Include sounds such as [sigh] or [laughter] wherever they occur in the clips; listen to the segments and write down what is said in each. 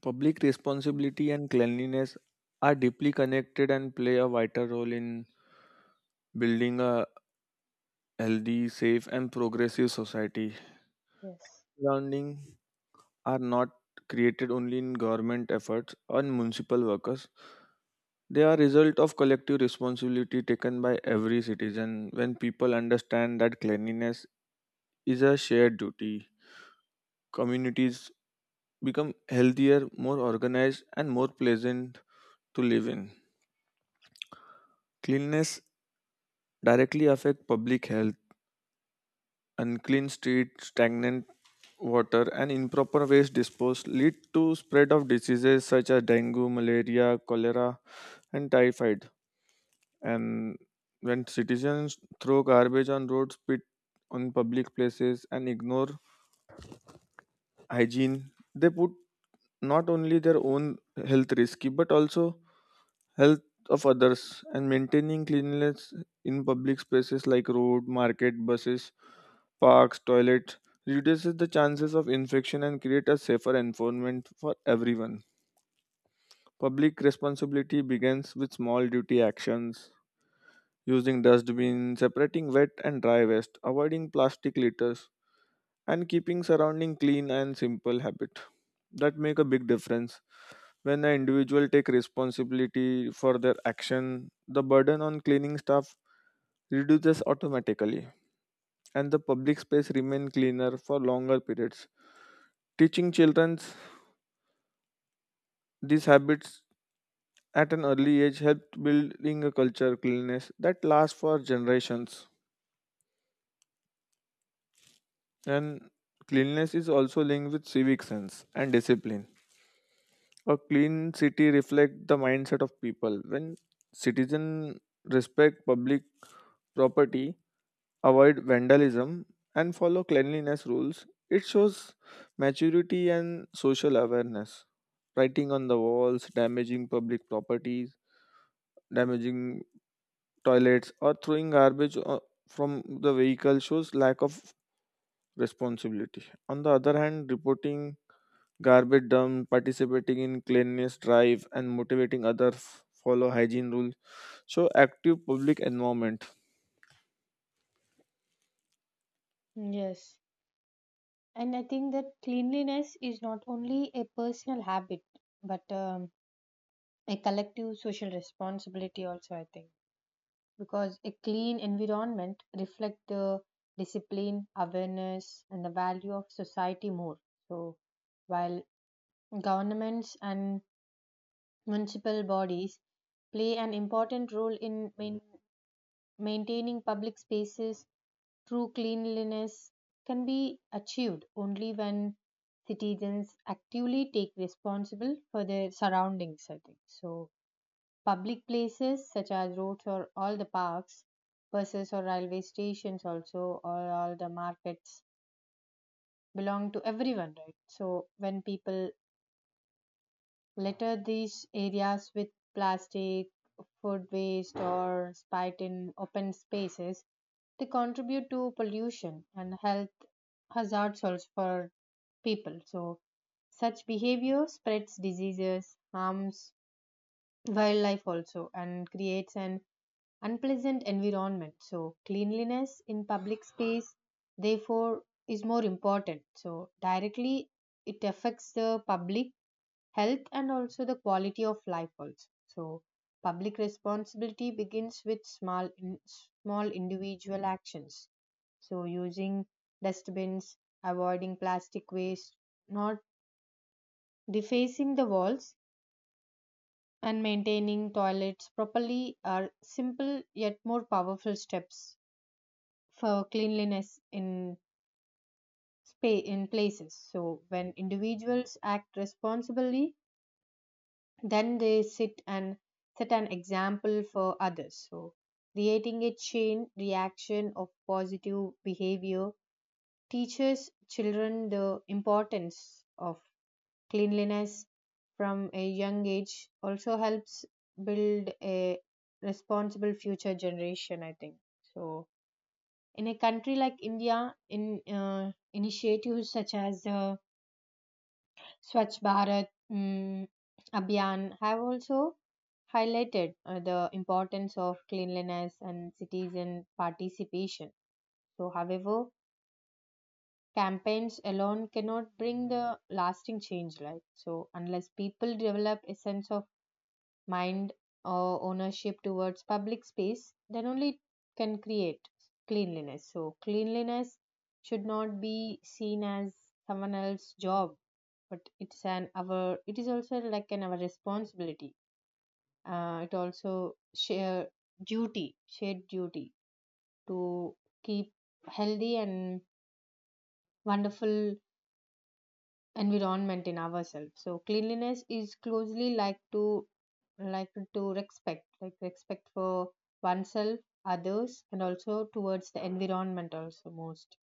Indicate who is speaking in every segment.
Speaker 1: Public responsibility and cleanliness are deeply connected and play a vital role in building a healthy, safe, and progressive society.
Speaker 2: Yes.
Speaker 1: Surrounding are not created only in government efforts or municipal workers. They are result of collective responsibility taken by every citizen. When people understand that cleanliness is a shared duty, communities become healthier, more organized, and more pleasant to live in. Cleanliness directly affect public health. Unclean streets, stagnant water, and improper waste disposal lead to spread of diseases such as dengue, malaria, cholera, and typhoid. And when citizens throw garbage on roads, spit on public places, and ignore hygiene, they put not only their own health risky but also health of others. And maintaining cleanliness in public spaces like road, market, buses, parks, toilet reduces the chances of infection and create a safer environment for everyone. Public responsibility begins with small duty actions, using dustbin, separating wet and dry waste, avoiding plastic litters, and keeping surrounding clean and simple habit that make a big difference. When an individual take responsibility for their action, the burden on cleaning staff reduces automatically and the public space remain cleaner for longer periods. Teaching children these habits at an early age helped building a culture of cleanliness that lasts for generations. And cleanliness is also linked with civic sense and discipline. A clean city reflects the mindset of people. When citizens respect public property, avoid vandalism, and follow cleanliness rules, it shows maturity and social awareness. Writing on the walls, damaging public properties, damaging toilets, or throwing garbage from the vehicle shows lack of responsibility. On the other hand, reporting garbage dump, participating in cleanliness drive, and motivating others follow hygiene rules, so active public environment.
Speaker 2: Yes. And I think that cleanliness is not only a personal habit, but a collective social responsibility also, I think. Because a clean environment reflects the discipline, awareness, and the value of society more. So, while governments and municipal bodies play an important role in maintaining public spaces through cleanliness can be achieved only when citizens actively take responsible for their surroundings, I think so. Public places such as roads or all the parks, buses or railway stations also, or all the markets belong to everyone, right? So when people litter these areas with plastic, food waste, or spite in open spaces, they contribute to pollution and health hazards also for people. So, such behavior spreads diseases, harms wildlife also, and creates an unpleasant environment. So, cleanliness in public space, therefore, is more important. So, directly it affects the public health and also the quality of life also. So public responsibility begins with small individual actions, so using dustbins, avoiding plastic waste, not defacing the walls, and maintaining toilets properly are simple yet more powerful steps for cleanliness in in places. So when individuals act responsibly, then they sit and set an example for others, so creating a chain reaction of positive behavior teaches children the importance of cleanliness from a young age, also helps build a responsible future generation, I think. So in a country like India in initiatives such as the Swachh Bharat Abhiyan have also highlighted the importance of cleanliness and citizen participation. So, however, campaigns alone cannot bring the lasting change, like so, unless people develop a sense of mind or ownership towards public space, then only can create cleanliness. So, cleanliness should not be seen as someone else's job, but it's an our, it is also like an our responsibility. It also share duty, shared duty, to keep healthy and wonderful environment in ourselves. So cleanliness is closely like to respect, like respect for oneself, others, and also towards the environment also most.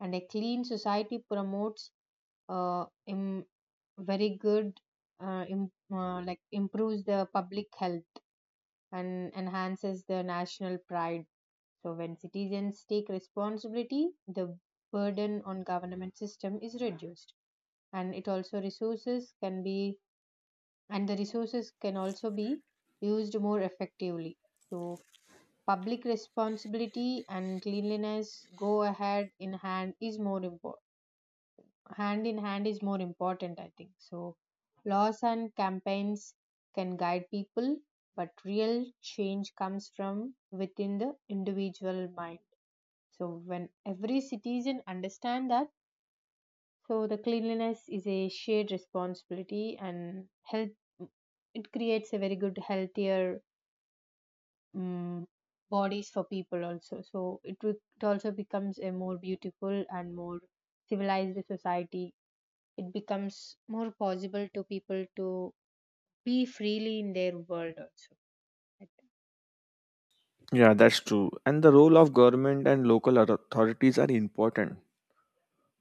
Speaker 2: And a clean society promotes uh, em- very good like improves the public health and enhances the national pride. So when citizens take responsibility, the burden on government system is reduced, and it also resources can be and the resources can also be used more effectively. So public responsibility and cleanliness go ahead in hand is more important hand in hand is more important, I think. So laws and campaigns can guide people, but real change comes from within the individual mind. So when every citizen understand that, so the cleanliness is a shared responsibility and health, it creates a very good healthier um, bodies for people also. So it also becomes a more beautiful and more civilized society. It becomes more possible to people to be freely in their world also, I think.
Speaker 1: Yeah, that's true. And the role of government and local authorities are important,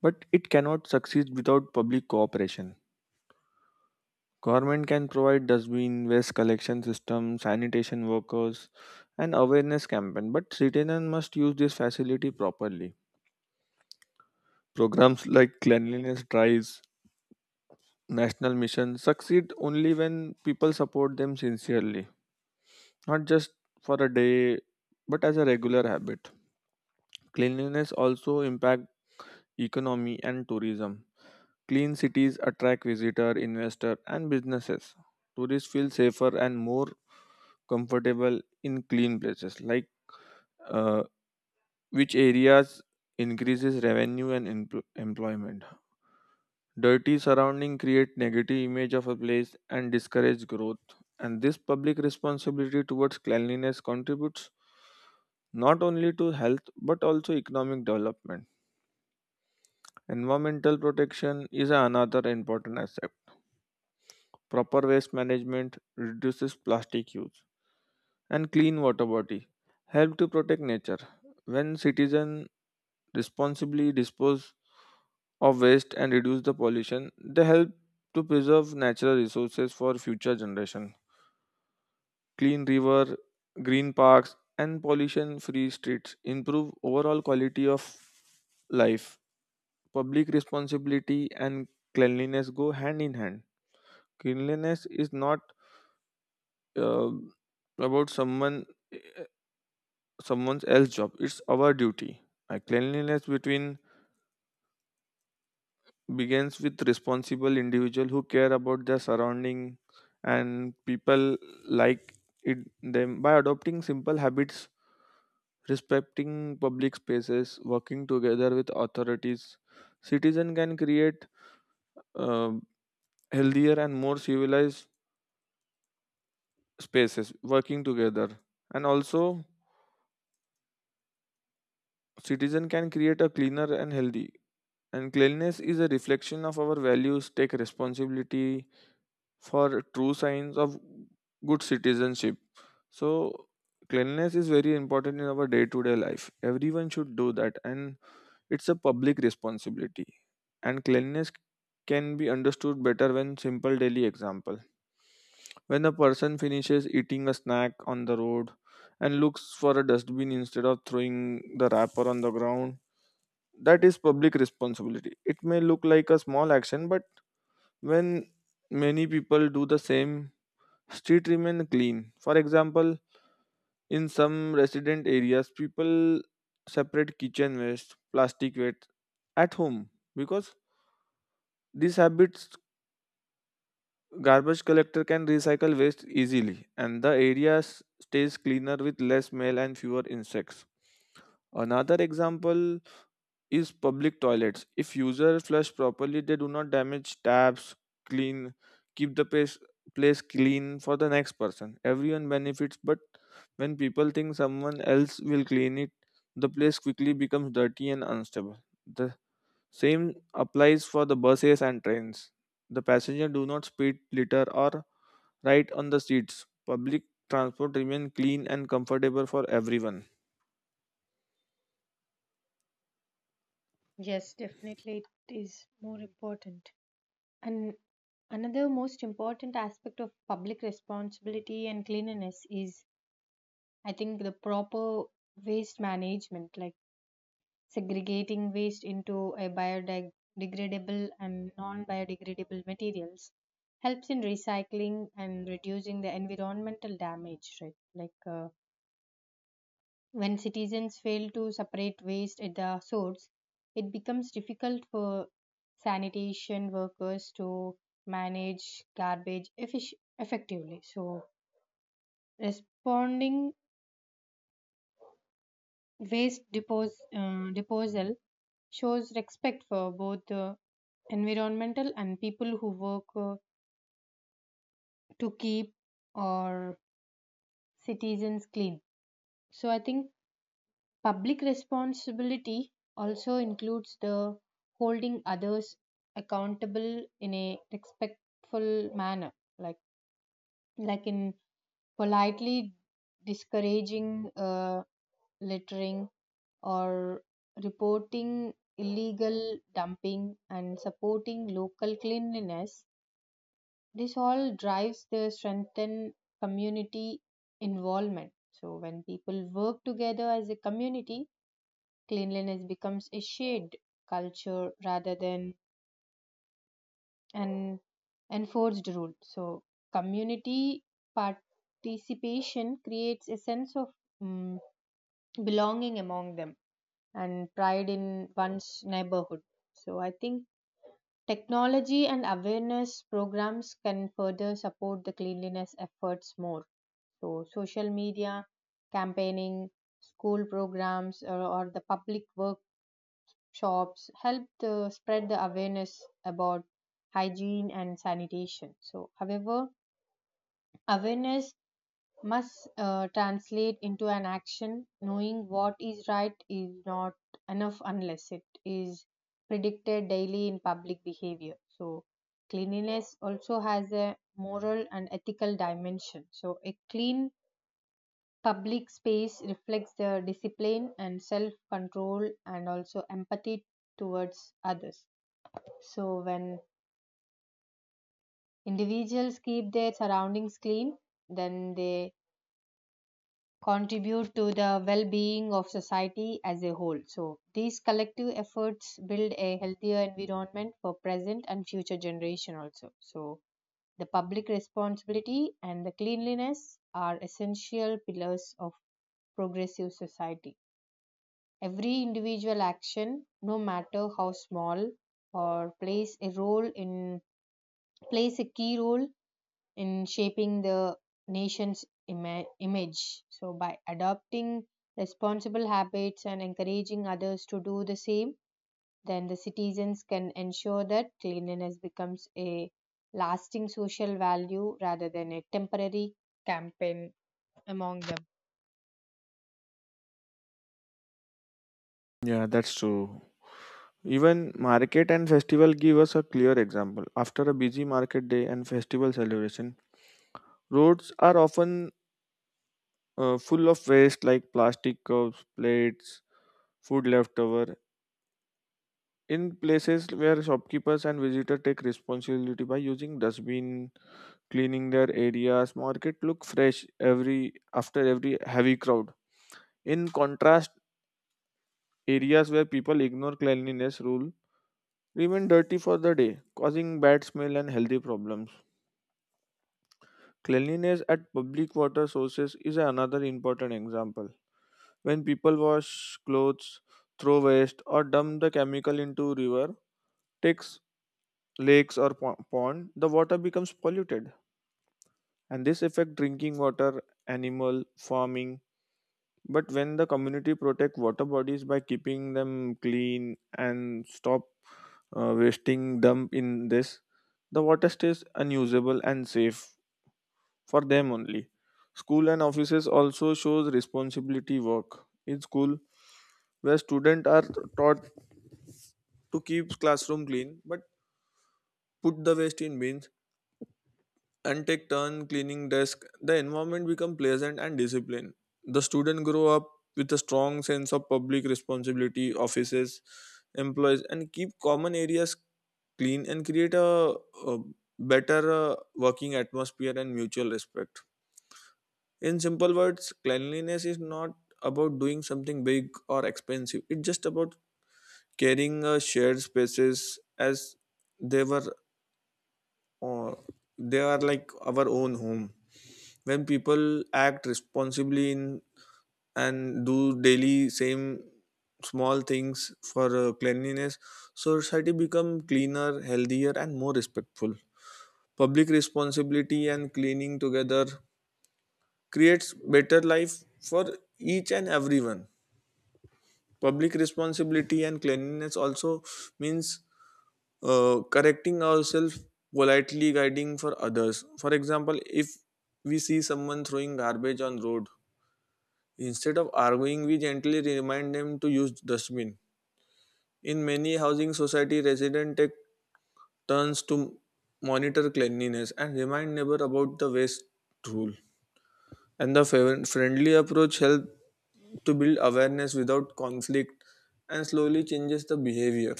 Speaker 1: but it cannot succeed without public cooperation. Government can provide dustbin, waste collection system, sanitation workers, and awareness campaign, but citizens must use this facility properly. Programs like cleanliness drives national missions succeed only when people support them sincerely, not just for a day, but as a regular habit. Cleanliness also impact economy and tourism. Clean cities attract visitor, investor, and businesses. Tourists feel safer and more comfortable in clean places, like uh, which areas increases revenue and employment. Dirty surrounding create negative image of a place and discourage growth. And this public responsibility towards cleanliness contributes not only to health but also economic development. Environmental protection is another important aspect. Proper waste management reduces plastic use and clean water body help to protect nature. When citizen responsibly dispose of waste and reduce the pollution, they help to preserve natural resources for future generation. Clean river, green parks, and pollution-free streets improve overall quality of life. Public responsibility and cleanliness go hand in hand. Cleanliness is not uh, about someone else's job. It's our duty. Cleanliness between begins with responsible individual who care about their surrounding, and people like it them. By adopting simple habits, respecting public spaces, working together with authorities, citizen can create uh, healthier and more civilized spaces. Working together, and also citizen can create a cleaner and healthy. And cleanliness is a reflection of our values. Take responsibility for true signs of good citizenship. So cleanliness is very important in our day-to-day life. Everyone should do that and it's a public responsibility. And cleanliness can be understood better when simple daily example. When a person finishes eating a snack on the road and looks for a dustbin instead of throwing the wrapper on the ground, that is public responsibility. It may look like a small action, but when many people do the same, street remain clean. For example, in some resident areas, people separate kitchen waste, plastic waste at home. Because these habits, garbage collector can recycle waste easily and the area stays cleaner with less smell and fewer insects. Another example is public toilets. If users flush properly, they do not damage taps, clean, keep the place, place clean for the next person. Everyone benefits, but when people think someone else will clean it, the place quickly becomes dirty and unstable. The same applies for the buses and trains. The passengers do not speed, litter, or ride on the seats. Public transport remains clean and comfortable for everyone.
Speaker 2: Yes, definitely it is more important. And another most important aspect of public responsibility and cleanliness is, I think, the proper waste management, like segregating waste into a biodegradable and non-biodegradable materials helps in recycling and reducing the environmental damage, right? When citizens fail to separate waste at the source, it becomes difficult for sanitation workers to effectively. So, responding disposal shows respect for both the environmental and people who work to keep our citizens clean. So, I think public responsibility also includes the holding others accountable in a respectful manner, like like in politely discouraging uh, littering or reporting illegal dumping and supporting local cleanliness. This all drives the strengthen community involvement. So when people work together as a community, cleanliness becomes a shared culture rather than an enforced rule. So, community participation creates a sense of mm belonging among them and pride in one's neighborhood. So, I think technology and awareness programs can further support the cleanliness efforts more. So, social media, campaigning, school programs, or the public work shops helped spread the awareness about hygiene and sanitation. So, however, awareness must translate into an action. Knowing what is right is not enough unless it is predicted daily in public behavior. So, cleanliness also has a moral and ethical dimension. So, a clean public space reflects the discipline and self control and also empathy towards others. So, when individuals keep their surroundings clean, then they contribute to the well being of society as a whole. So, these collective efforts build a healthier environment for present and future generation also. So, the public responsibility and the cleanliness are essential pillars of progressive society. Every individual action, no matter how small, or plays a role in plays a key role in shaping the image. So, by adopting responsible habits and encouraging others to do the same, then the citizens can ensure that cleanliness becomes a lasting social value rather than a temporary campaign among them.
Speaker 1: Yeah, that's true. Even market and festival give us a clear example. After a busy market day and festival celebration, roads are often full of waste like plastic cups, plates, food leftover. In places where shopkeepers and visitors take responsibility by using dustbin, cleaning their areas, market look fresh every after every heavy crowd. In contrast, areas where people ignore cleanliness rule remain dirty for the day, causing bad smell and healthy problems. Cleanliness at public water sources is another important example. When people wash clothes, throw waste, or dump the chemical into river, takes lakes or pond, the water becomes polluted, and this affect drinking water, animal farming. But when the community protect water bodies by keeping them clean and stop wasting dump in this, the water stays unusable and safe for them only. School and offices also shows responsibility work. In school, where students are taught to keep classroom clean but put the waste in bins and take turn cleaning desk, the environment become pleasant and disciplined. The student grow up with a strong sense of public responsibility. Offices, employees, and keep common areas clean and create a better working atmosphere and mutual respect. In simple words, cleanliness is not about doing something big or expensive. It's just about caring shared spaces as they were uh, they are like our own home. When people act responsibly in and do daily same small things for cleanliness, society become cleaner, healthier, and more respectful. Public responsibility and cleaning together creates better life for each and everyone. Public responsibility and cleanliness also means correcting ourselves, politely guiding for others. For example, if we see someone throwing garbage on road, instead of arguing we gently remind them to use dustbin. In many housing society, resident take turns to monitor cleanliness and remind neighbor about the waste rule, and the friendly approach help to build awareness without conflict and slowly changes the behavior.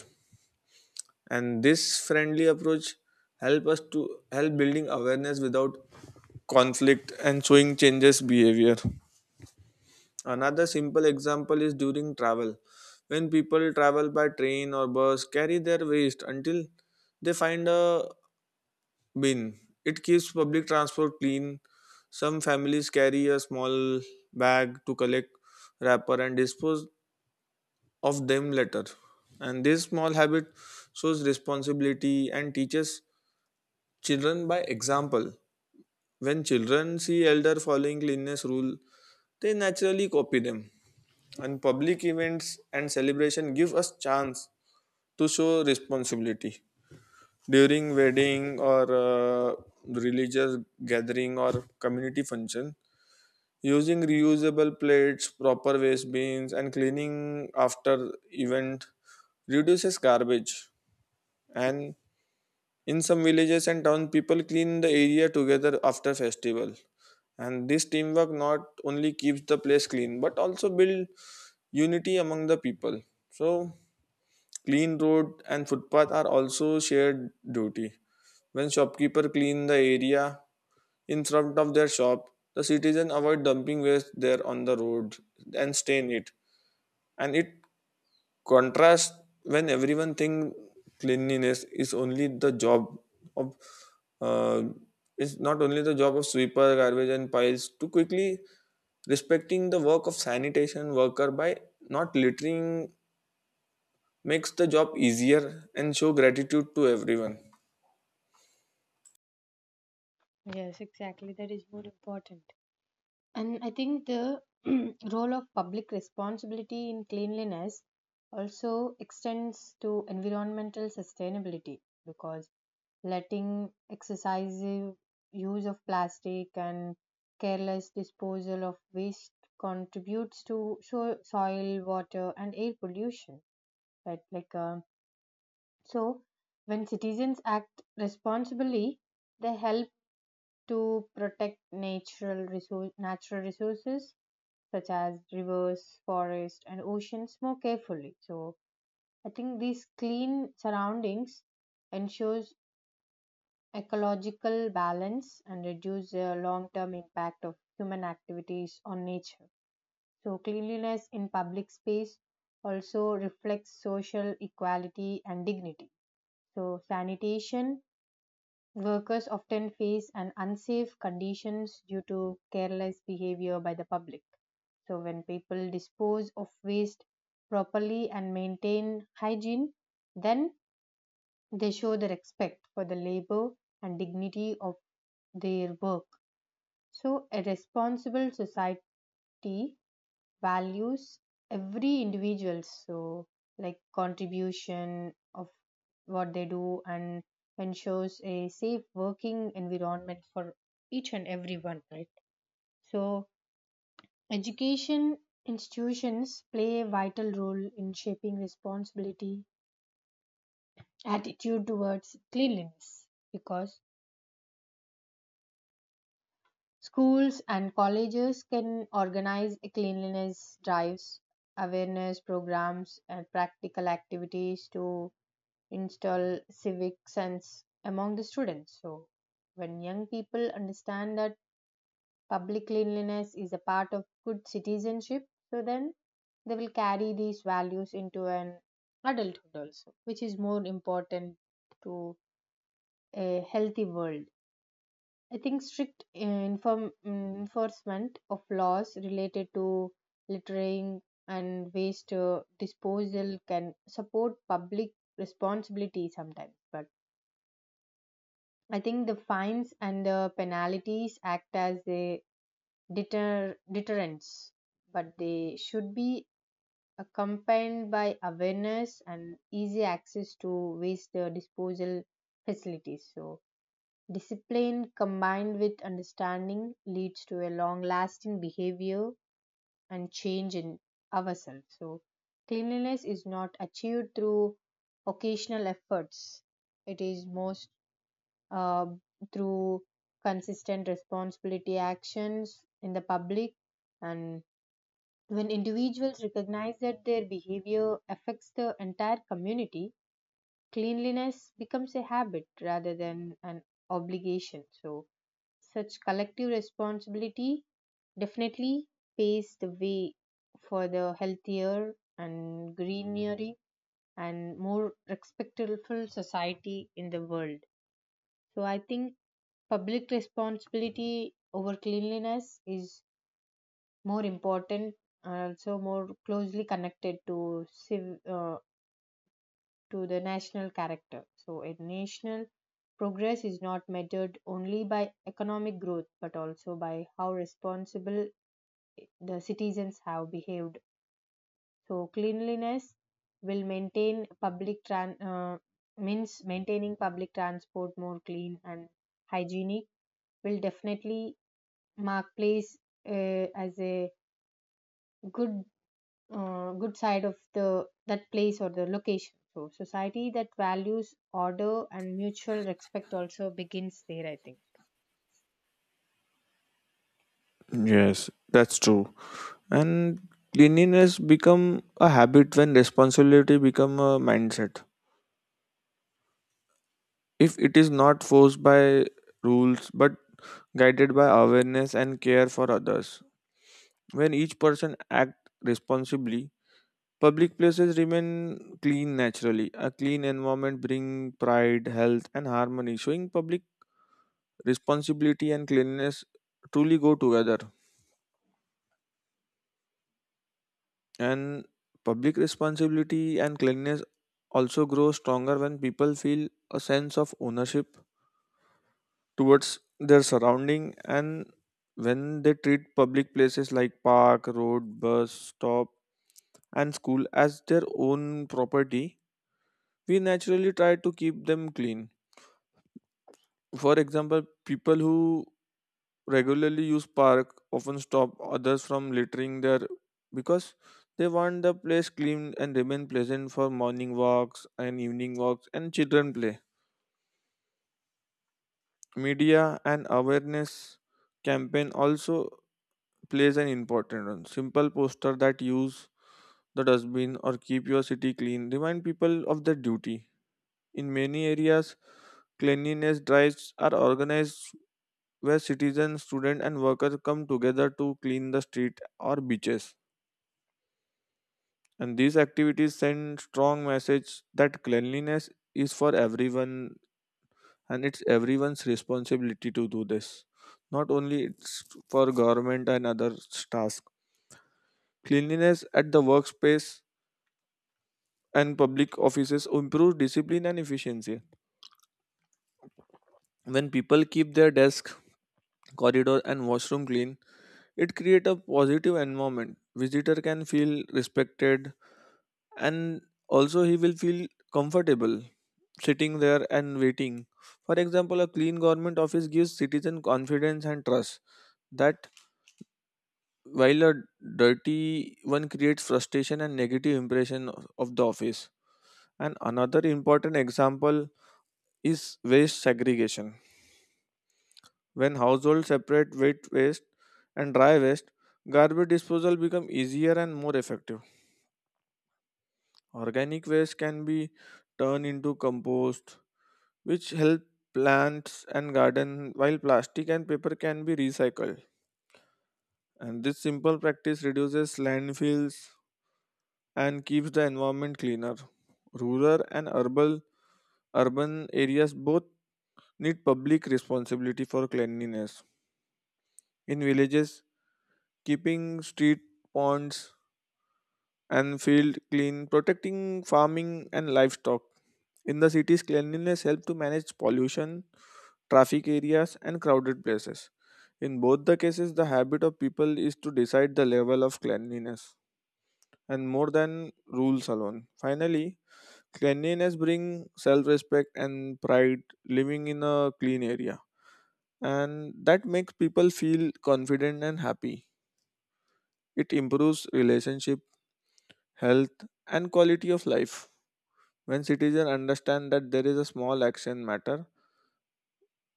Speaker 1: And this friendly approach help us to help building awareness without conflict and showing changes behavior. Another simple example is during travel. When people travel by train or bus, carry their waste until they find a bin, it keeps public transport clean. Some families carry a small bag to collect wrapper and dispose of them later, and this small habit shows responsibility and teaches children by example. When children see elder following cleanliness rule, they naturally copy them. And public events and celebration give us chance to show responsibility. During wedding or religious gathering or community function, using reusable plates, proper waste bins, and cleaning after event reduces garbage. And in some villages and town, people clean the area together after festival, and this teamwork not only keeps the place clean but also build unity among the people. So clean road and footpath are also shared duty. When shopkeeper clean the area in front of their shop, the citizen avoid dumping waste there on the road and stain it. And it contrasts when everyone think cleanliness is only the job of uh, is not only the job of sweeper, garbage and piles too quickly. Respecting the work of sanitation worker by not littering makes the job easier and show gratitude to everyone.
Speaker 2: Yes, exactly. That is more important. And I think the [clears throat] role of public responsibility in cleanliness also extends to environmental sustainability, because letting excessive use of plastic and careless disposal of waste contributes to soil, water, and air pollution. Right? So, when citizens act responsibly, they help to protect natural resources such as rivers, forests, and oceans more carefully. So, I think these clean surroundings ensures ecological balance and reduce the long term impact of human activities on nature. So, cleanliness in public space also reflects social equality and dignity. So, sanitation workers often face an unsafe conditions due to careless behavior by the public. So, when people dispose of waste properly and maintain hygiene, then they show the respect for the labor and dignity of their work. So, a responsible society values every individual. So, like contribution of what they do and ensures a safe working environment for each and everyone, right? So, education institutions play a vital role in shaping responsibility attitude towards cleanliness, because schools and colleges can organize cleanliness drives, awareness programs, and practical activities to install civic sense among the students. So, when young people understand that public cleanliness is a part of good citizenship, so then they will carry these values into an adulthood also, which is more important to a healthy world. I think strict enforcement of laws related to littering and waste disposal can support public responsibility sometimes. But I think the fines and the penalties act as a deterrence, but they should be accompanied by awareness and easy access to waste disposal facilities. So, discipline combined with understanding leads to a long lasting behavior and change in ourselves. So, cleanliness is not achieved through occasional efforts, it is most uh, through consistent responsibility actions in the public. And when individuals recognize that their behavior affects the entire community, cleanliness becomes a habit rather than an obligation. So, such collective responsibility definitely paves the way for the healthier and greenery and more respectful society in the world. So I think public responsibility over cleanliness is more important and also more closely connected to to the national character. So a national progress is not measured only by economic growth but also by how responsible the citizens have behaved. So cleanliness will maintain public tran- means maintaining public transport more clean and hygienic will definitely mark place as a good good side of the that place or the location. So society that values order and mutual respect also begins there, I think.
Speaker 1: Yes, that's true. And cleanliness become a habit when responsibility become a mindset, if it is not forced by rules but guided by awareness and care for others. When each person act responsibly, public places remain clean naturally. A clean environment bring pride, health, and harmony. Showing public responsibility and cleanliness truly go together. And public responsibility and cleanliness also grow stronger when people feel a sense of ownership towards their surrounding. And when they treat public places like park, road, bus stop, and school as their own property, we naturally try to keep them clean. For example, people who regularly use park often stop others from littering there because they want the place clean and remain pleasant for morning walks and evening walks and children play. Media and awareness campaign also plays an important role. Simple poster that use the dustbin or keep your city clean remind people of their duty. In many areas, cleanliness drives are organized where citizens, students, and workers come together to clean the street or beaches. And these activities send strong message that cleanliness is for everyone and it's everyone's responsibility to do this. Not only it's for government and other task. Cleanliness at the workspace and public offices improves discipline and efficiency. When people keep their desk, corridor, and washroom clean, it creates a positive environment. Visitor can feel respected and also he will feel comfortable sitting there and waiting. For example, a clean government office gives citizen confidence and trust, that while a dirty one creates frustration and negative impression of the office. And another important example is waste segregation. When households separate wet waste and dry waste, garbage disposal become easier and more effective. Organic waste can be turned into compost, which help plants and garden, while plastic and paper can be recycled, and this simple practice reduces landfills and keeps the environment cleaner. Rural and urban areas both need public responsibility for cleanliness. In villages, keeping street, ponds, and field clean protecting farming and livestock. In the cities, cleanliness helps to manage pollution, traffic areas and crowded places. In both the cases, the habit of people is to decide the level of cleanliness, and more than rules alone. Finally, cleanliness brings self respect and pride living in a clean area, and that makes people feel confident and happy. It improves relationship, health, and quality of life. When citizens understand that there is a small action matter,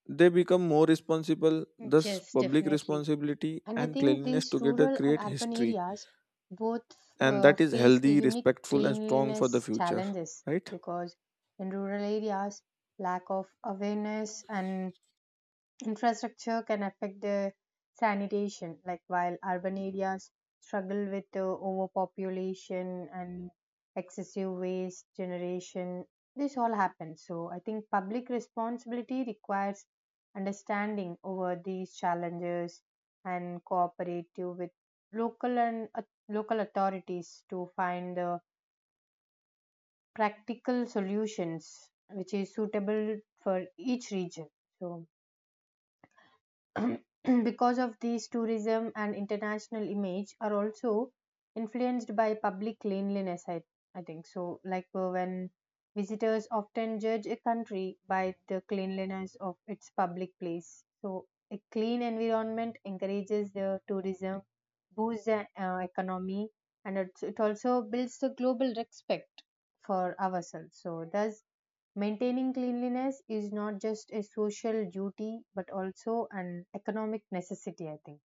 Speaker 1: they become more responsible. Thus,
Speaker 2: Yes,
Speaker 1: public
Speaker 2: definitely.
Speaker 1: responsibility
Speaker 2: And I
Speaker 1: and
Speaker 2: think
Speaker 1: cleanliness
Speaker 2: these
Speaker 1: together
Speaker 2: rural and
Speaker 1: create
Speaker 2: urban
Speaker 1: history,
Speaker 2: areas both
Speaker 1: and that is
Speaker 2: face a
Speaker 1: healthy,
Speaker 2: unique
Speaker 1: respectful, and strong for the
Speaker 2: cleanliness
Speaker 1: future,
Speaker 2: challenges,
Speaker 1: right?
Speaker 2: because in rural areas, lack of awareness and infrastructure can affect the sanitation, like while urban areas struggle with overpopulation and excessive waste generation. This all happens, so I think public responsibility requires understanding over these challenges and cooperative with local and uh, local authorities to find the practical solutions which is suitable for each region. So [clears throat] because of these, tourism and international image are also influenced by public cleanliness, I think so. When visitors often judge a country by the cleanliness of its public place, so a clean environment encourages the tourism, boosts the economy, and it also builds the global respect for ourselves. So thus maintaining cleanliness is not just a social duty but also an economic necessity, I think.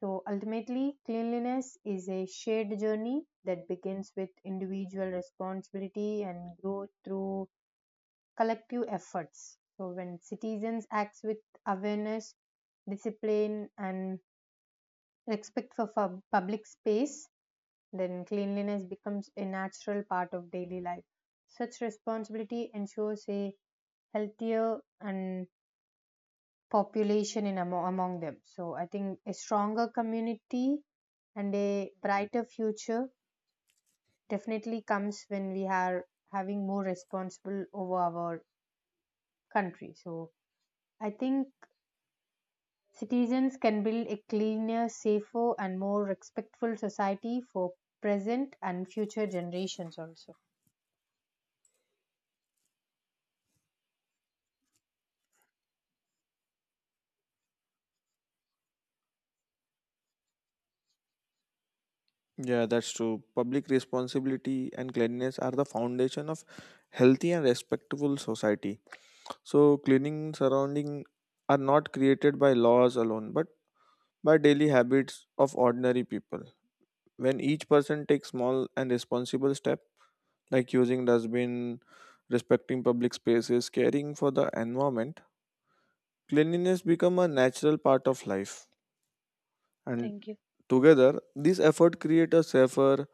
Speaker 2: So ultimately, cleanliness is a shared journey that begins with individual responsibility and grows through collective efforts. So when citizens act with awareness, discipline, and respect for public space, then cleanliness becomes a natural part of daily life. Such responsibility ensures a healthier and population among them, so I think a stronger community and a brighter future definitely comes when we are having more responsible over our country. So I think citizens can build a cleaner, safer, and more respectful society for present and future generations also.
Speaker 1: Yeah, that's true. Public responsibility and cleanliness are the foundation of healthy and respectful society. So cleaning surrounding are not created by laws alone but by daily habits of ordinary people. When each person takes small and responsible step, like using dustbin, respecting public spaces, caring for the environment, cleanliness become a natural part of life. And together, these efforts create a safer,